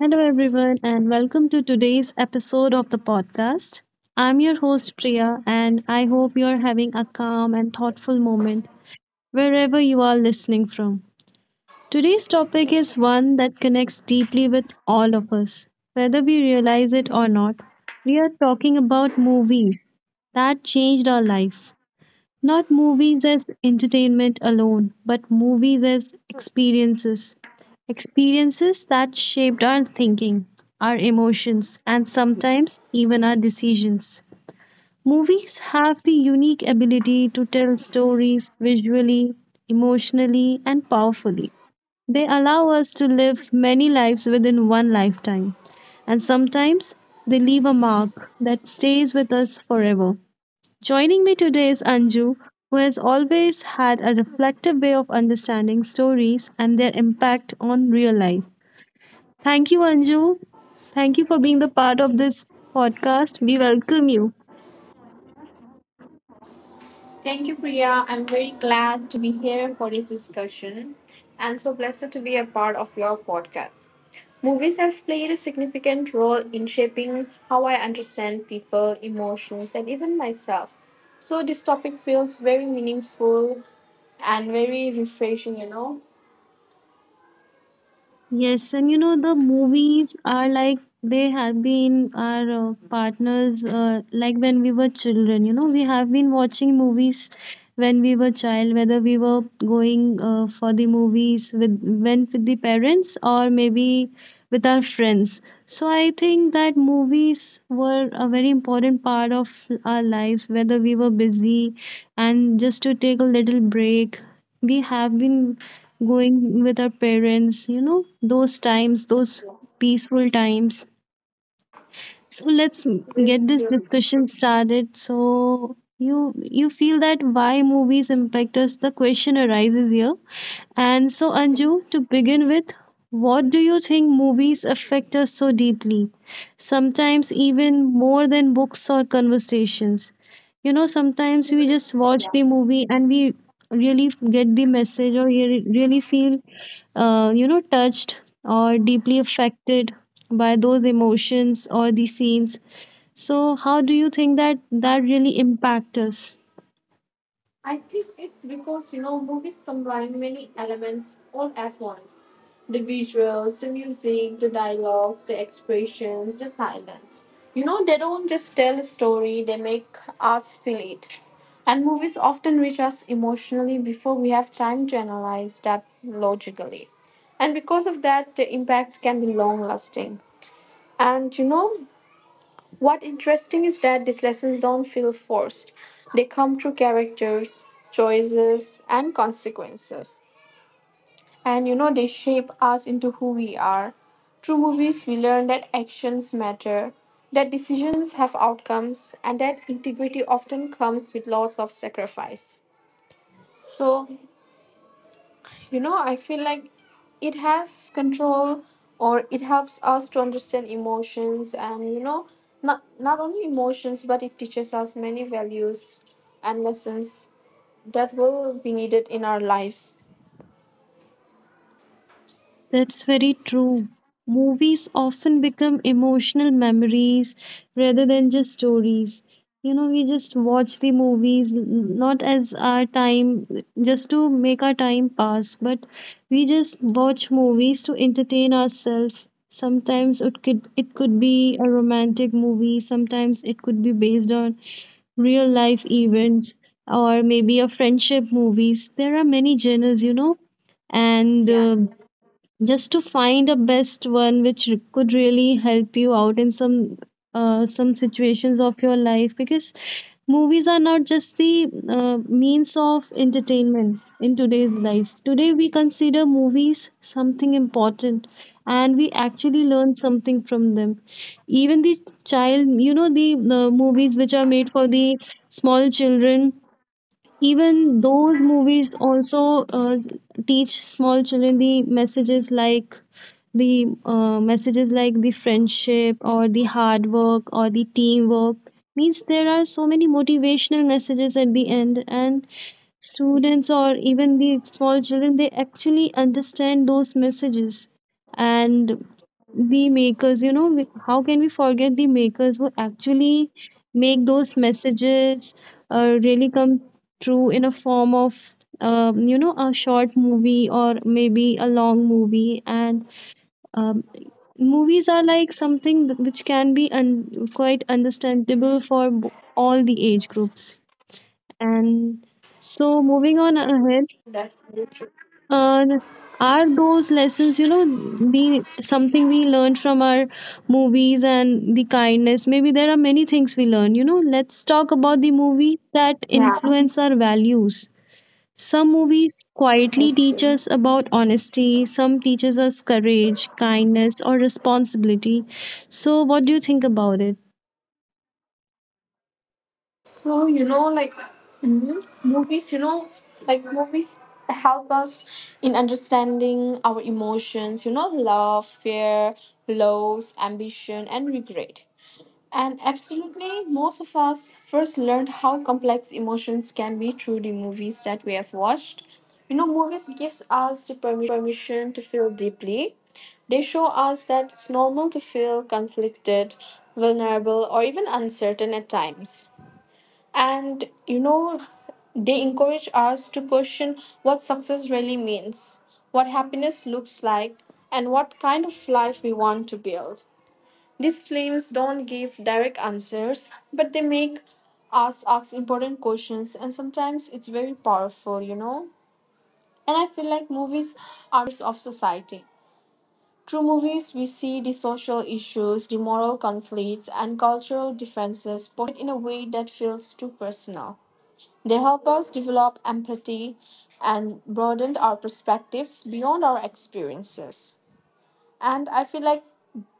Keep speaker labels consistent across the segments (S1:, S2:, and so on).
S1: Hello, everyone, and welcome to today's episode of the podcast. I'm your host, Priya, and I hope you're having a calm and thoughtful moment wherever you are listening from. Today's topic is one that connects deeply with all of us, whether we realize it or not. We are talking about movies that changed our life. Not movies as entertainment alone, but movies as experiences. Experiences that shaped our thinking, our emotions, and sometimes even our decisions. Movies have the unique ability to tell stories visually, emotionally, and powerfully. They allow us to live many lives within one lifetime, and sometimes they leave a mark that stays with us forever. Joining me today is Anju, who has always had a reflective way of understanding stories and their impact on real life. Thank you, Anju. Thank you for being the part of this podcast. We welcome you.
S2: Thank you, Priya. I'm very glad to be here for this discussion and so blessed to be a part of your podcast. Movies have played a significant role in shaping how I understand people, emotions, and even myself. So, this topic feels very meaningful and very refreshing.
S1: Yes, and you know the movies are like they have been our partners like when we were children. You know, we have been watching movies when we were child, whether we were going for the movies with went with the parents or maybe with our friends. So I think that movies were a very important part of our lives, whether we were busy and just to take a little break we have been going with our parents, you know, those times, those peaceful times. So let's
S2: Very
S1: get this
S2: true.
S1: discussion started. So you you feel that why movies impact us, the question arises here. And so, Anju, to begin with, what do you think movies affect us so deeply, sometimes even more than books or conversations? You know, sometimes we just watch the movie and we really get the message, or you really feel you know touched or deeply affected by those emotions or the scenes. So how do you think that really impact us?
S2: I think it's because movies combine many elements all at once. The visuals, the music, the dialogues, the expressions, the silence. They don't just tell a story, they make us feel it. And movies often reach us emotionally before we have time to analyze that logically. And because of that, the impact can be long lasting. And what interesting is that these lessons don't feel forced. They come through characters, choices, and consequences. And they shape us into who we are. Through movies, we learn that actions matter, that decisions have outcomes, and that integrity often comes with lots of sacrifice. So, I feel like it has control or it helps us to understand emotions, and not only emotions, but it teaches us many values and lessons that will be needed in our lives.
S1: That's very true. Movies often become emotional memories rather than just stories. You know, we just watch the movies not as our time, just to make our time pass, but we just watch movies to entertain ourselves. Sometimes it could, be a romantic movie, sometimes it could be based on real life events or maybe a friendship movies. There are many genres, you know, and just to find a best one which could really help you out in some situations of your life, because movies are not just the means of entertainment in today's life. Today we consider movies something important and we actually learn something from them, even the child, you know, the movies which are made for the small children, even those movies also teach small children the messages like the messages like the friendship or the hard work or the teamwork. Means there are so many motivational messages at the end, and students or even the small children they actually understand those messages. And the makers, you know, how can we forget the makers who actually make those messages really come true in a form of you know a short movie or maybe a long movie. And um, movies are like something which can be quite understandable for all the age groups. And so, moving on ahead,
S2: That's very true.
S1: uh, are those lessons, you know, the something we learned from our movies, and the kindness, maybe there are many things we learn, you know. Let's talk about the movies that
S2: Yeah.
S1: influence our values. Some movies quietly
S2: Okay.
S1: teach us about honesty, some teaches us courage, kindness, or responsibility. So, what do you think about it?
S2: So you know like mhm, movies you know like movies help us in understanding our emotions, love, fear, loss, ambition, and regret. And absolutely, most of us first learned how complex emotions can be through the movies that we have watched. Movies gives us the permission to feel deeply. They show us that it's normal to feel conflicted, vulnerable, or even uncertain at times. And they encourage us to question what success really means, what happiness looks like, and what kind of life we want to build. These films don't give direct answers, but they make us ask important questions, and sometimes it's very powerful, you know? And I feel like movies are mirrors of society. Through movies, we see the social issues, the moral conflicts, and cultural differences portrayed in a way that feels too personal. They help us develop empathy and broaden our perspectives beyond our experiences. And I feel like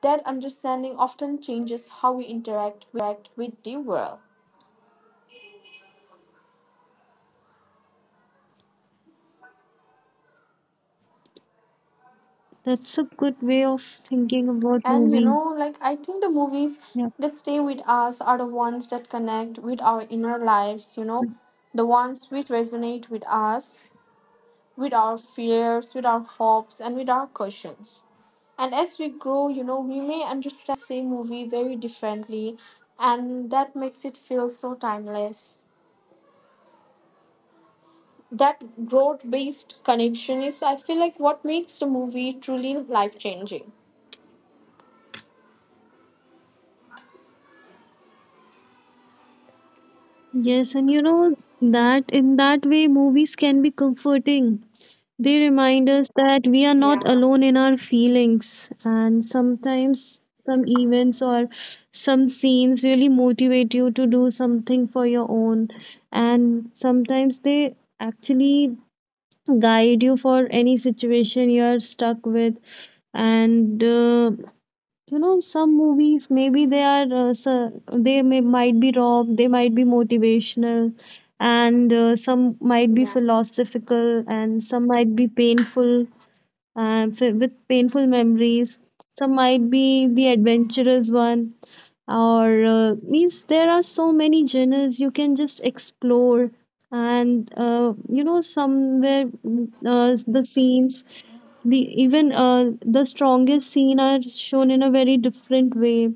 S2: that understanding often changes how we interact with the world.
S1: That's a good way of thinking about
S2: And
S1: movies.
S2: like I think the movies
S1: Yeah.
S2: that stay with us are the ones that connect with our inner lives, the ones which resonate with us, with our fears, with our hopes, and with our questions. And as we grow, we may understand the same movie very differently, and that makes it feel so timeless. That growth based connection is, I feel like, what makes the movie truly life changing.
S1: Yes, and you know that in that way, movies can be comforting. They remind us that we are not
S2: Yeah,
S1: alone in our feelings, and sometimes some events or some scenes really motivate you to do something for your own, and sometimes they actually guide you for any situation you are stuck with. And you know some movies, maybe they are so they may might be raw, they might be motivational, and some might be
S2: yeah,
S1: philosophical, and some might be painful, with painful memories, some might be the adventurous one, or means there are so many genres you can just explore. And you know, somewhere the scenes, the even the strongest scene are shown in a very different way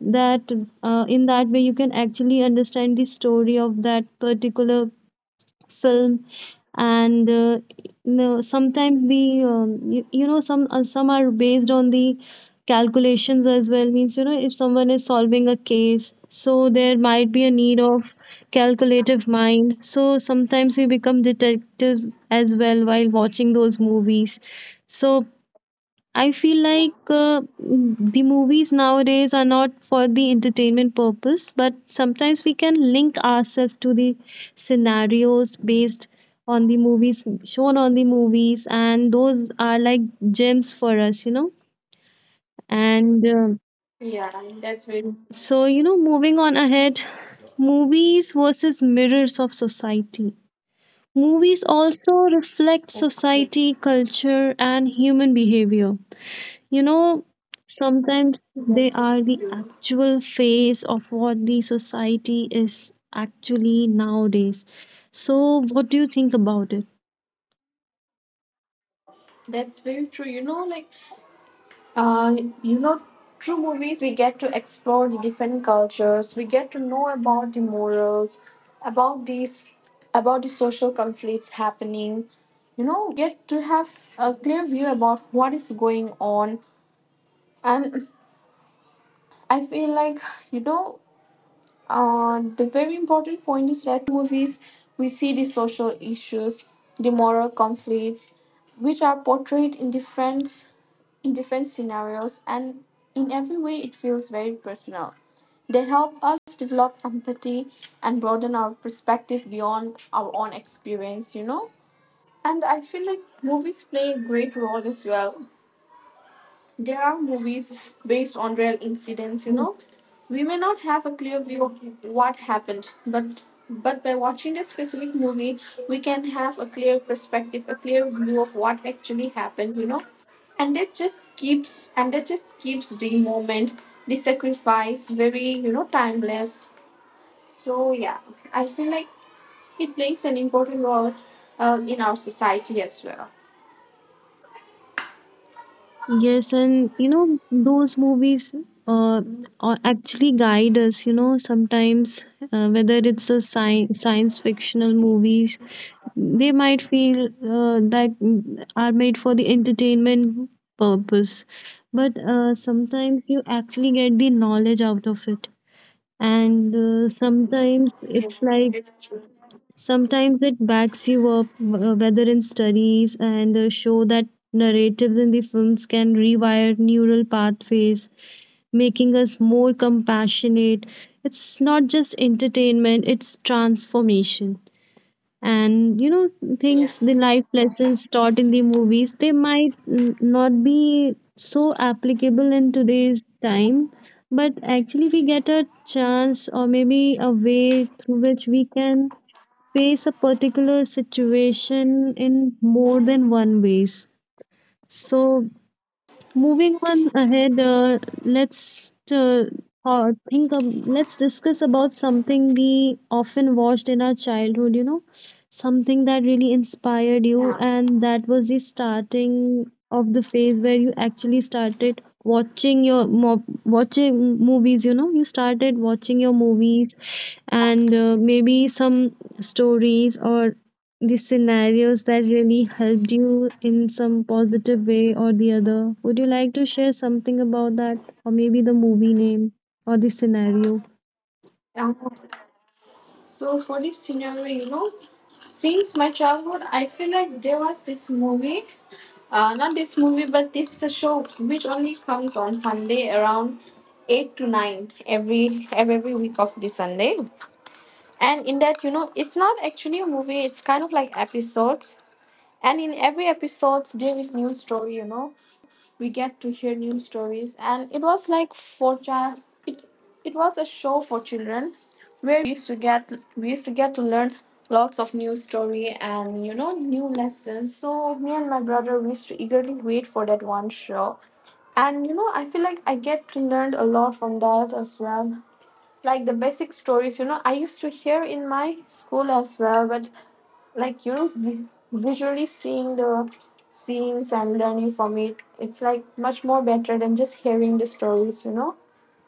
S1: that in that way you can actually understand the story of that particular film. And no, sometimes the you know some are based on the calculations as well, means you know if someone is solving a case, so there might be a need of calculative mind, so sometimes we become detectives as well while watching those movies. So I feel like the movies nowadays are not for the entertainment purpose, but sometimes we can link ourselves to the scenarios based on the movies shown on the movies, and those are like gems for us, you know. And
S2: yeah. That's very
S1: so, you know, moving on ahead, movies versus mirrors of society. Movies also reflect
S2: okay.
S1: society, culture, and human behavior. You know, sometimes they
S2: That's
S1: are
S2: very
S1: the
S2: true.
S1: actual face of what the society is actually nowadays. So, what do you think about it?
S2: That's very true. You know like uh you know through movies, we get to explore the different cultures. We get to know about the morals, about these about the social conflicts happening. You know, we get to have a clear view about what is going on. And I feel like, you know, the very important point is that through movies, we see the social issues, the moral conflicts, which are portrayed in different scenarios, and in every way, it feels very personal. They help us develop empathy and broaden our perspective beyond our own experience. And I feel like movies play a great role as well. There are movies based on real incidents, you
S1: Yes.
S2: know. We may not have a clear view of what happened, but by watching a specific movie, we can have a clear perspective, a clear view of what actually happened. And that just keeps the moment, the sacrifice very timeless. So yeah, I feel like it plays an important role in our society as well.
S1: Yes, and you know, those movies uh, are actually guide us, you know, sometimes whether it's a science fictional movie, they might feel that are made for the entertainment purpose, but sometimes you actually get the knowledge out of it. And sometimes
S2: Yeah.
S1: it's like, sometimes it backs you up, whether in studies. And show that narratives in the films can rewire neural pathways, making us more compassionate. It's not just entertainment, it's transformation. And you know, things, the life lessons taught in the movies, they might not be so applicable in today's time, but actually we get a chance or maybe a way through which we can face a particular situation in more than one ways. So moving on ahead, let's think of, let's discuss about something we often watched in our childhood. You know, something that really inspired you,
S2: Yeah.
S1: and that was the starting of the phase where you actually started watching your watching movies. You know, you started watching your movies, and maybe some stories or the scenarios that really helped you in some positive way or the other. Would you like to share something about that, or maybe the movie name or the scenario?
S2: Um, So, for this scenario, since my childhood, I feel like there was this movie, not this movie, but this is a show which only comes on Sunday around 8 to 9 every week of the Sunday. And in that, it's not actually a movie; it's kind of like episodes, and in every episode there is new story. You know we get to hear new stories, and it was like it, it was a show for children where we used to get to learn lots of new story, and new lessons. So me and my brother, we used to eagerly wait for that one show, and I feel like I get to learn a lot from that as well. Like the basic stories I used to hear in my school as well, but like visually seeing the scenes and learning from it, it's like much more better than just hearing the stories you know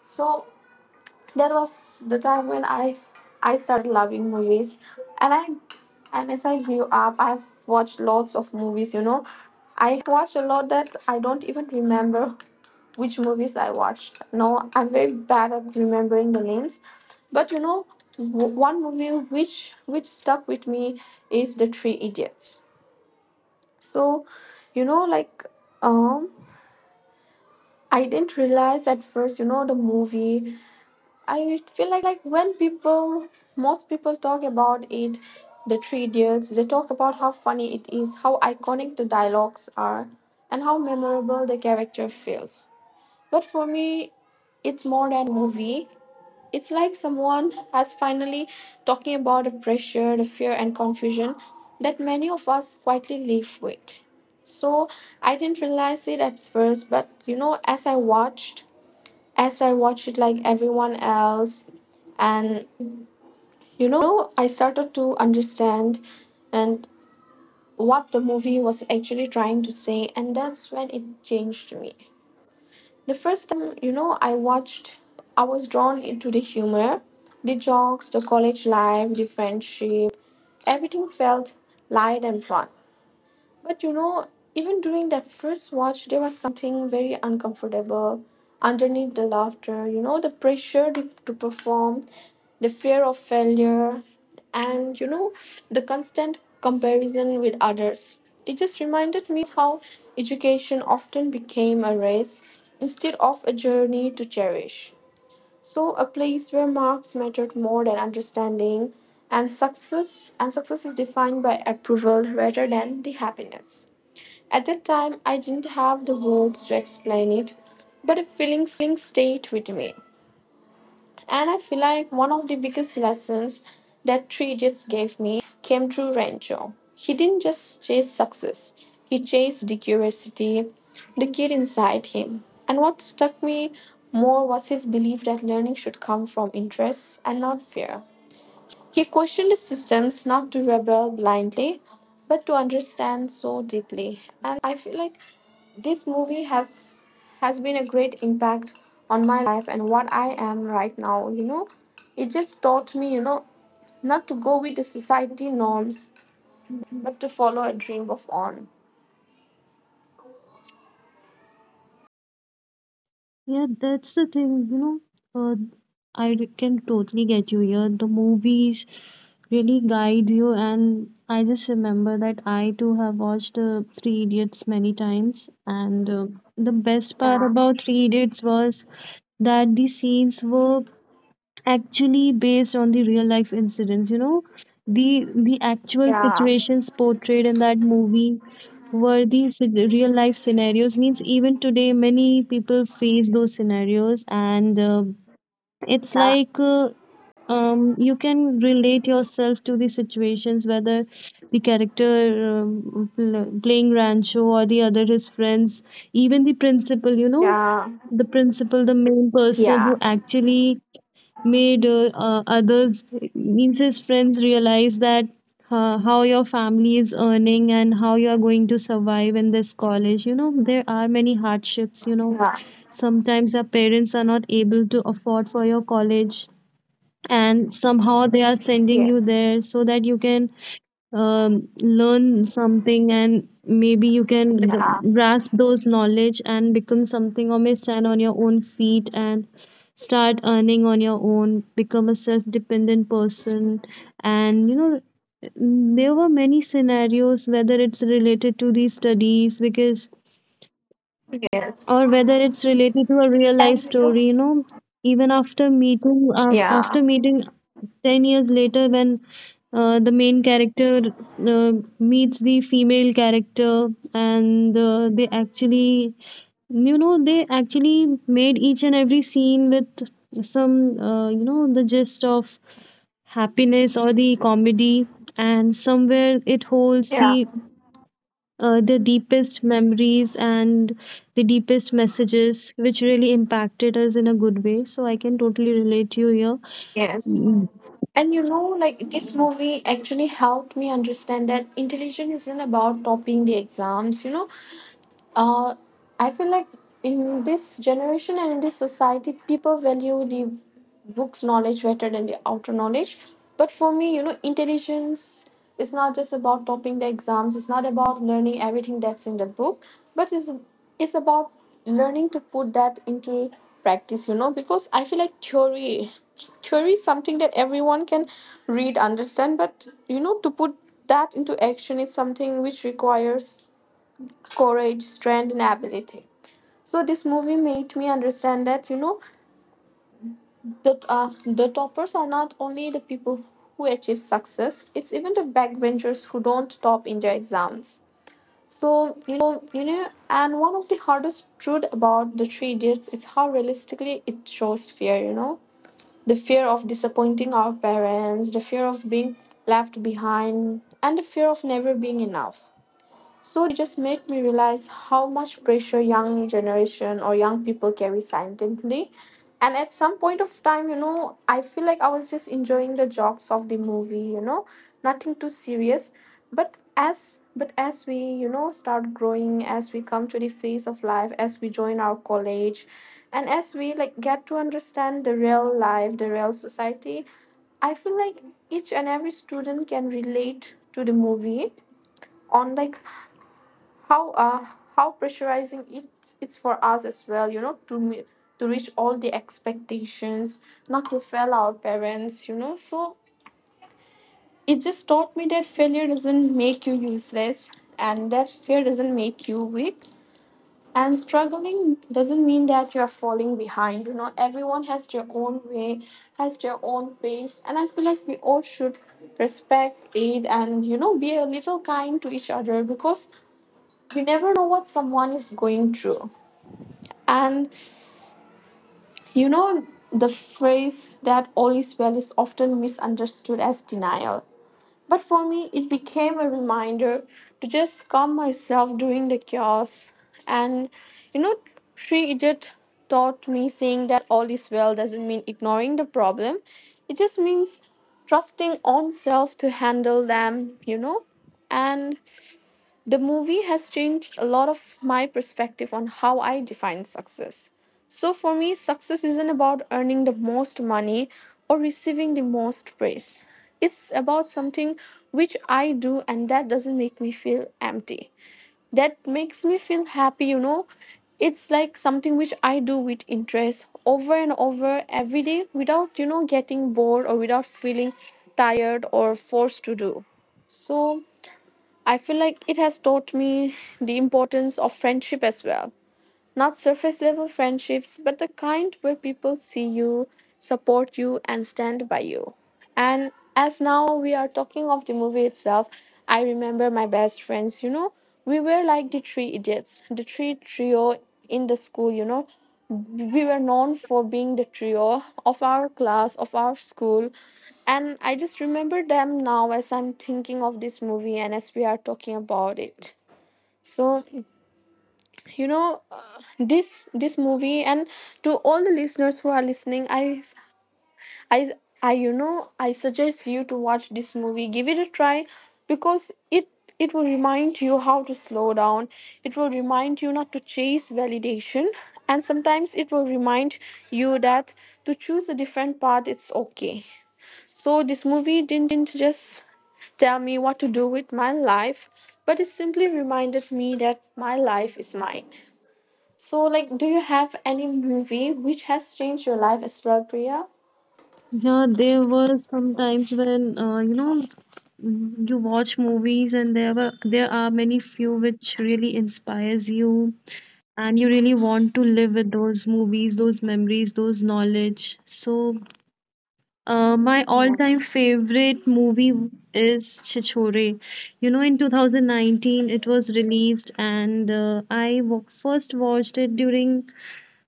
S2: so that was the time when I started loving movies and i and as I grew up, I've watched lots of movies. I have watched a lot that I don't even remember which movies I watched. No, I'm very bad at remembering the names, but one movie which stuck with me is the Three Idiots. So, you know, like, um, I didn't realize at first, the movie. I feel like when people, most people talk about it, the Three Idiots, they talk about how funny it is, how iconic the dialogues are, and how memorable the character feels. But for me, it's more than a movie. It's like someone has finally talking about the pressure, the fear, and confusion that many of us quietly live with. So I didn't realize it at first, but as I watched, it like everyone else, and I started to understand and what the movie was actually trying to say, and that's when it changed me. The first time, I watched, I was drawn into the humor, the jokes, the college life, the friendship. Everything felt light and fun. But even during that first watch, there was something very uncomfortable underneath the laughter. The pressure to perform, the fear of failure, and the constant comparison with others. It just reminded me of how education often became a race instead of a journey to cherish. So a place where marks mattered more than understanding, and success is defined by approval rather than the happiness. At that time I didn't have the words to explain it, but a feeling stayed with me. And I feel like one of the biggest lessons that Three Idiots gave me came through Rancho. He didn't just chase success, he chased the curiosity, the kid inside him. And what struck me more was his belief that learning should come from interests and not fear. He questioned his systems not to rebel blindly, but to understand so deeply. And I feel like this movie has been a great impact on my life and what I am right now. It just taught me, not to go with the society norms, but to follow a dream of own.
S1: Yeah, that's the thing, you know. Uh, I can totally get you here. The movies really guide you, and I just remember that I too have watched Three Idiots many times, and the best part
S2: Yeah.
S1: about Three Idiots was that the scenes were actually based on the real life incidents, you know, the the actual
S2: Yeah.
S1: situations portrayed in that movie were these real life scenarios, means even today many people face those scenarios. And it's
S2: Yeah.
S1: like you can relate yourself to the situations, whether the character playing Rancho or the other his friends, even the principal, you know,
S2: Yeah.
S1: the principal, the main person
S2: Yeah.
S1: who actually made others, means his friends, realize that how your family is earning and how you are going to survive in this college. You know, there are many hardships, you know,
S2: Yeah.
S1: sometimes our parents are not able to afford for your college and somehow they are sending you
S2: Yes.
S1: there so that you can learn something and maybe you can
S2: Yeah.
S1: grasp those knowledge and become something or may stand on your own feet and start earning on your own, become a self-dependent person. And you know there were many scenarios, whether it's related to these studies because,
S2: Yes.
S1: or whether it's related to a real
S2: And
S1: life story, you know, even after meeting
S2: yeah.
S1: after meeting 10 years later when the main character uh, meets the female character. And they actually, you know, they actually made each and every scene with some you know the gist of happiness or the comedy, and somewhere it holds
S2: Yeah.
S1: the deepest memories and the deepest messages which really impacted us in a good way. So I can totally relate to you
S2: Yes.
S1: here.
S2: And like this movie actually helped me understand that intelligence isn't about topping the exams. Uh, I feel like in this generation and in this society, people value the book's knowledge better than the outer knowledge. But for me, intelligence is not just about topping the exams. It's not about learning everything that's in the book, but it's about learning to put that into practice. Because I feel like theory is something that everyone can read, understand, but to put that into action is something which requires courage, strength, and ability. So this movie made me understand that the toppers are not only the people who achieve success; it's even the backbenchers who don't top in their exams. And one of the hardest truth about the Three Idiots is how realistically it shows fear. The fear of disappointing our parents, the fear of being left behind, and the fear of never being enough. So this movie just made me realize how much pressure young generation or young people carry silently. And at some point of time, I feel like I was just enjoying the jokes of the movie, nothing too serious. But as we start growing, as we come to the phase of life, as we join our college, and as we like get to understand the real life, the real society, I feel like each and every student can relate to the movie on like how uh, how pressurizing it's for us as well, you know, to to reach all the expectations, not to fail our parents, you know. So it just taught me that failure doesn't make you useless, and that fear doesn't make you weak, and struggling doesn't mean that you're falling behind. You know, everyone has their own way, has their own pace, and I feel like we all should respect it, and you know, be a little kind to each other because you never know what someone is going through. And you know, the phrase that all is well is often misunderstood as denial. But for me, it became a reminder to just calm myself during the chaos. And you know, Sri Idiot taught me, saying that all is well doesn't mean ignoring the problem, it just means trusting on self to handle them, you know. And the movie has changed a lot of my perspective on how I define success. So, for me, success isn't about earning the most money or receiving the most praise. It's about something which I do, and that doesn't make me feel empty. That makes me feel happy, you know. It's like something which I do with interest over and over every day without, getting bored or without feeling tired or forced to do. So, I feel like it has taught me the importance of friendship as well. Not surface level friendships, but the kind where people see you, support you, and stand by you. And as now we are talking of the movie itself, I remember my best friends, you know, we were like the three idiots, the three trio in the school, you know. We were known for being the trio of our class, of our school, and I just remember them now as I'm thinking of this movie and as we are talking about it. So you know, this movie, and to all the listeners who are listening, i I suggest you to watch this movie. Give it a try because it will remind you how to slow down, it will remind you not to chase validation, and sometimes it will remind you that to choose a different path, it's okay. So this movie didn't just tell me what to do with my life, but it simply reminded me that my life is mine. So, do you have any movie which has changed your life as well, Priya?
S1: Yeah, there were some times when you know you watch movies and there are many few which really inspires you, and you really want to live with those movies, those memories, those knowledge. So my
S2: Yeah,
S1: all-time favorite movie is Chichore. You know, in 2019 it was released, and I first watched it during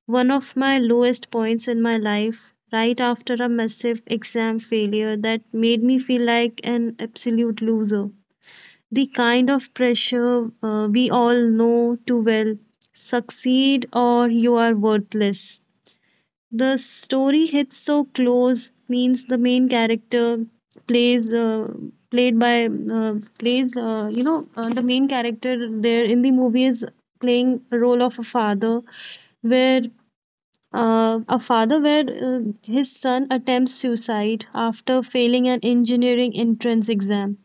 S1: one of my lowest points in my life, right after a massive exam failure that made me feel like an absolute loser. The kind of pressure we all know too well. Succeed or you are worthless. The story hits so close. Means the main character plays played by plays you know the main character there in the movie is playing a role of a father where his son attempts suicide after failing an engineering entrance exam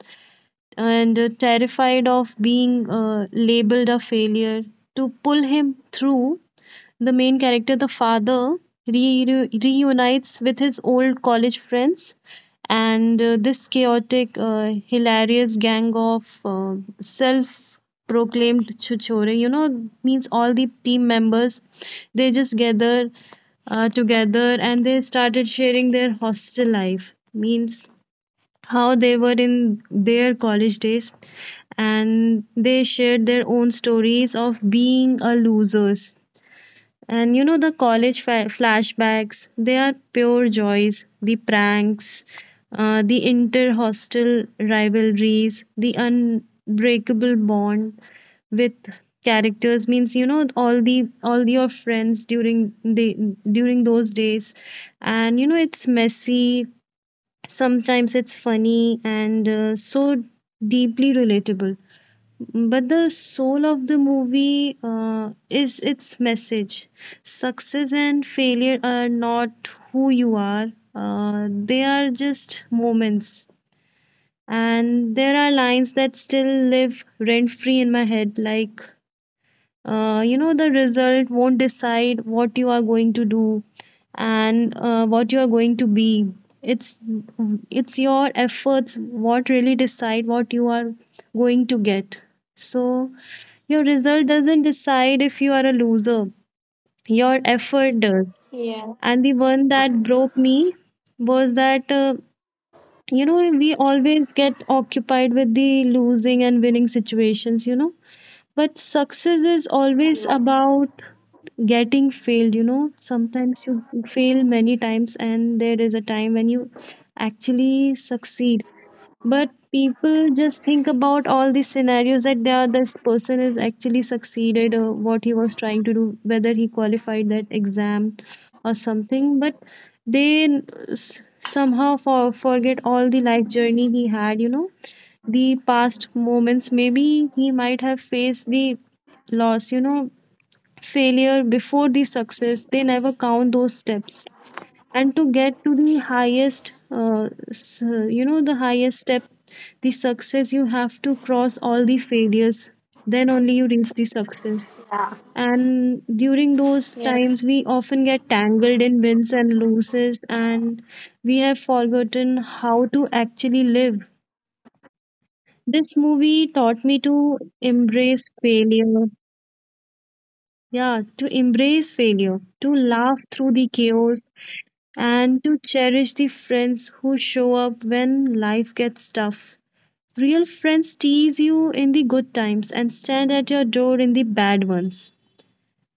S1: and terrified of being labeled a failure. To pull him through, the main character, the father, reunites with his old college friends, and this chaotic, hilarious gang of self proclaimed chuchore, you know, means all the team members, they just gather together and they started sharing their hostel life. Means how they were in their college days and they shared their own stories of being a losers. And you know the college flashbacks, they are pure joys. The pranks, the inter hostel rivalries, the unbreakable bond with characters, means you know all the all your friends during the during those days. And you know it's messy. Sometimes it's funny and so deeply relatable. But the soul of the movie is its message. Success and failure are not who you are, they are just moments. And there are lines that still live rent free in my head, like you know, the result won't decide what you are going to do and what you are going to be. It's it's your efforts what really decide what you are going to get. So your result doesn't decide if you are a loser, your effort does.
S2: yeah,
S1: And the one that broke me was that you know, we always get occupied with the losing and winning situations, you know, but success is always
S2: yeah,
S1: about getting failed, you know. Sometimes you fail many times and there is a time when you actually succeed, but people just think about all these scenarios that they are, this person is actually succeeded or what he was trying to do, whether he qualified that exam or something. But they somehow forget all the life journey he had, you know, the past moments. Maybe he might have faced the loss, you know, failure before the success. They never count those steps. And to get to the highest you know, the highest step, the success, you have to cross all the failures. Then only you reach the success.
S2: yeah,
S1: And during those
S2: yeah.
S1: times we often get tangled in wins and losses and we have forgotten how to actually live.
S2: Yes, that's very true. Yeah,
S1: This movie taught me to embrace failure. Yeah, to embrace failure, to laugh through the chaos, and to cherish the friends who show up when life gets tough. Real friends tease you in the good times and stand at your door in the bad ones.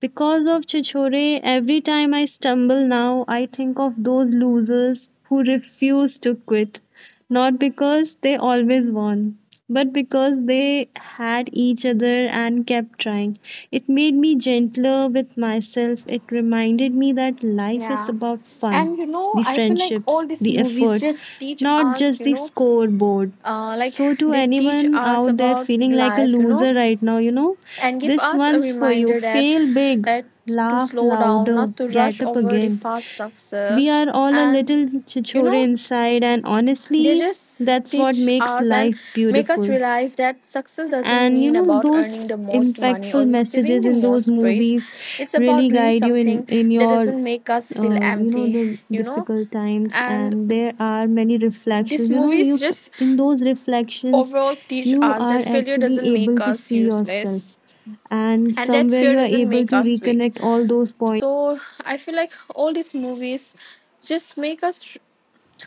S1: Because of Chichore, every time I stumble now, I think of those losers who refuse to quit. Not because they always won, but because they had each other and kept trying. It made me gentler with myself. It reminded me that life is
S2: yeah.
S1: about fun,
S2: And you know,
S1: the
S2: I feel like all
S1: friendships,
S2: these
S1: the
S2: movies
S1: effort,
S2: just teach
S1: not
S2: us,
S1: just
S2: you
S1: the
S2: know,
S1: scoreboard.
S2: like
S1: So, to
S2: they teach
S1: anyone
S2: us
S1: out there
S2: about
S1: feeling like a
S2: life, you know,
S1: loser right now, you know,
S2: and give
S1: this
S2: us a
S1: one's for you.
S2: reminder that
S1: Fail big,
S2: that to
S1: laugh
S2: slow down,
S1: louder,
S2: not to rush
S1: get up
S2: over the
S1: again.
S2: fast
S1: We
S2: success,
S1: are all a
S2: and
S1: little
S2: you
S1: chichore
S2: know,
S1: inside, and
S2: they
S1: honestly,
S2: just
S1: that's what
S2: teach
S1: makes
S2: us and
S1: life
S2: make us
S1: beautiful.
S2: realize that success doesn't
S1: And you
S2: mean
S1: know,
S2: about
S1: those
S2: earning the most money or
S1: impactful
S2: receiving
S1: messages
S2: the
S1: in those
S2: most praise.
S1: movies
S2: It's about
S1: really
S2: doing
S1: guide you in
S2: something that
S1: your
S2: doesn't make us feel
S1: you know,
S2: empty,
S1: the
S2: you know.
S1: difficult times.
S2: And
S1: And there are many
S2: these
S1: reflections, you know.
S2: movies
S1: you c-
S2: just
S1: in those reflections
S2: overall teach
S1: you
S2: us that
S1: are
S2: failure
S1: actually
S2: doesn't make
S1: able to
S2: us
S1: see
S2: useless
S1: yourself and
S2: and that
S1: somewhere
S2: fear
S1: you are
S2: doesn't
S1: able
S2: make
S1: to
S2: us weak.
S1: reconnect all those points.
S2: So I feel like all these movies just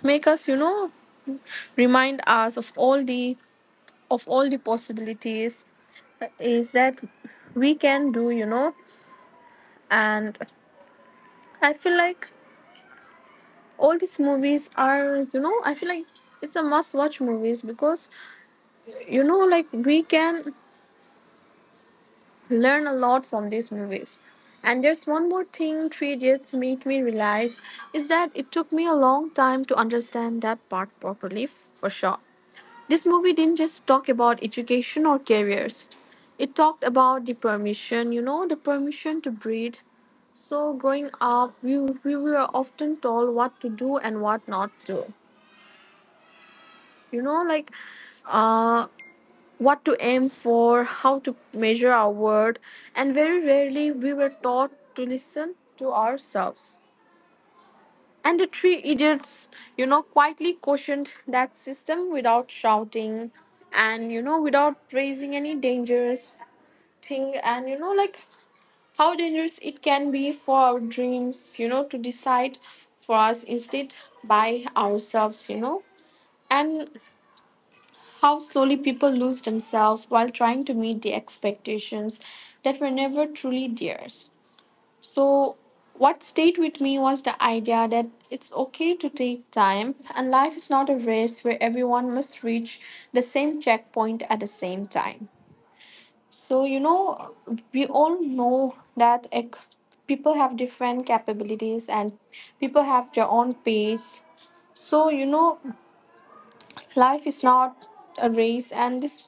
S2: make us, you know, remind us of all the possibilities is that we can do, you know. And I feel like all these movies are, you know, I feel like it's a must watch movies because, you know, like we can learn a lot from these movies. And there's one more thing Three Idiots made me realize, is that it took me a long time to understand that part properly, for sure. This movie didn't just talk about education or careers. It talked about the permission, you know, the permission to breathe. So growing up, we were often told what to do and what not to. You know, like uh what to aim for, how to measure our word, and very rarely we were taught to listen to ourselves. And the three idiots, you know, quietly cautioned that system without shouting, and you know, without raising any dangerous thing, and you know, like how dangerous it can be for our dreams, you know, to decide for us instead by ourselves, you know, and how slowly people lose themselves while trying to meet the expectations that were never truly theirs. So, what stayed with me was the idea that it's okay to take time, and life is not a race where everyone must reach the same checkpoint at the same time. So, you know, we all know that people have different capabilities and people have their own pace. So, you know, life is not a race. And this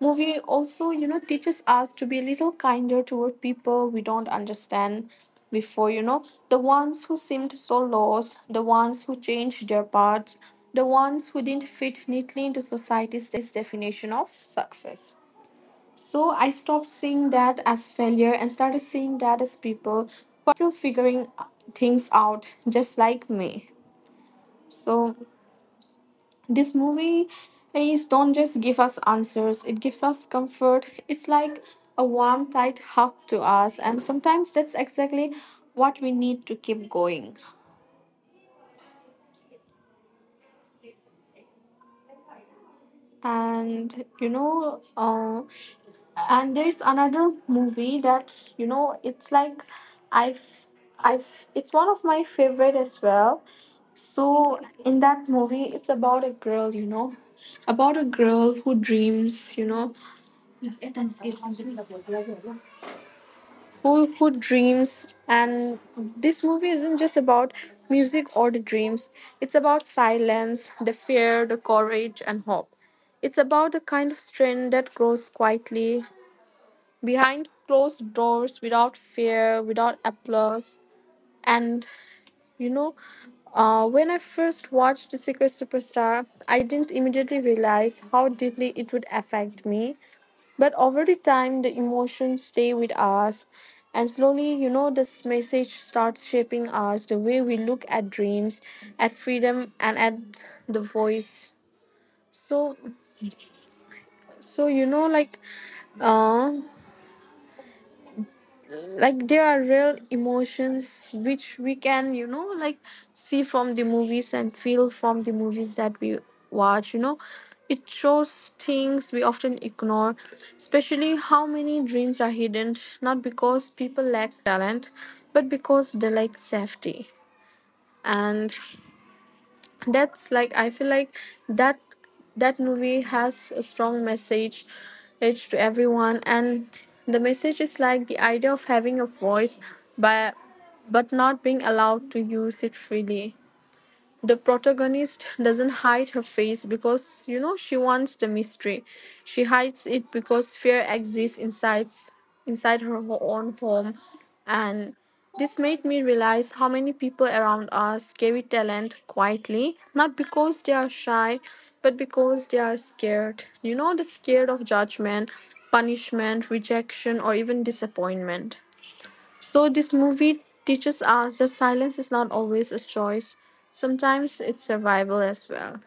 S2: movie also, you know, teaches us to be a little kinder toward people we don't understand before, you know, the ones who seemed so lost, the ones who changed their paths, the ones who didn't fit neatly into society's definition of success. So I stopped seeing that as failure and started seeing that as people who are still figuring things out, just like me. So this movie is don't just give us answers; it gives us comfort. It's like a warm, tight hug to us, and sometimes that's exactly what we need to keep going. And you know, and there's another movie that you know, it's like I've I've it's one of my favorite as well. So in that movie, it's about a girl, you know, about a girl who dreams, you know, who who dreams. And this movie isn't just about music or the dreams, it's about silence, the fear, the courage and hope. It's about the kind of strength that grows quietly behind closed doors, without fear, without applause. And you know, when I first watched The Secret Superstar, I didn't immediately realize how deeply it would affect me. But over the time, the emotions stay with us. And slowly, you know, this message starts shaping us the way we look at dreams, at freedom, and at the voice. So, so you know, uh, like there are real emotions which we can, you know, like see from the movies and feel from the movies that we watch. You know, it shows things we often ignore, especially how many dreams are hidden not because people lack talent but because they lack safety. And that's like, I feel like that movie has a strong message to everyone, and the message is like the idea of having a voice but not being allowed to use it freely. The protagonist doesn't hide her face because you know she wants the mystery, she hides it because fear exists inside her own home. And this made me realize how many people around us carry talent quietly, not because they are shy but because they are scared. You know, they're scared of judgment, punishment, rejection, or even disappointment. So, this movie teaches us that silence is not always a choice, sometimes it's survival as well.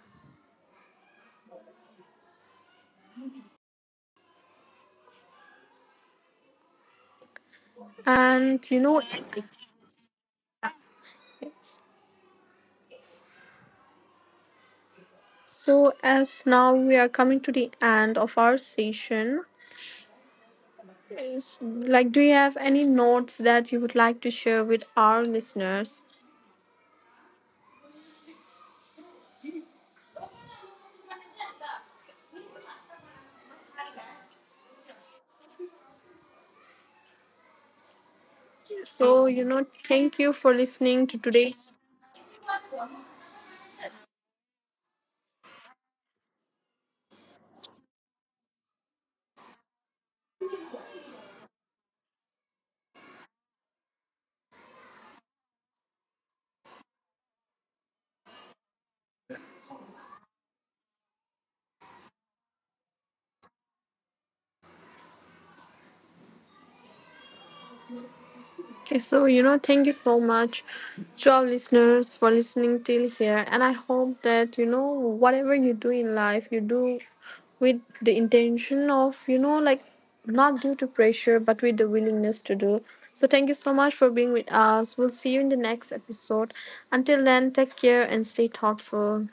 S2: And you know, yes. So as now we are coming to the end of our session, is- do you have any notes that you would like to share with our listeners? So, you know, thank you for listening to today's Okay, so you know, thank you so much to our listeners for listening till here. And I hope that you know, whatever you do in life, you do with the intention of, you know, like not due to pressure, but with the willingness to do. So, thank you so much for being with us. We'll see you in the next episode. Until then, take care and stay thoughtful.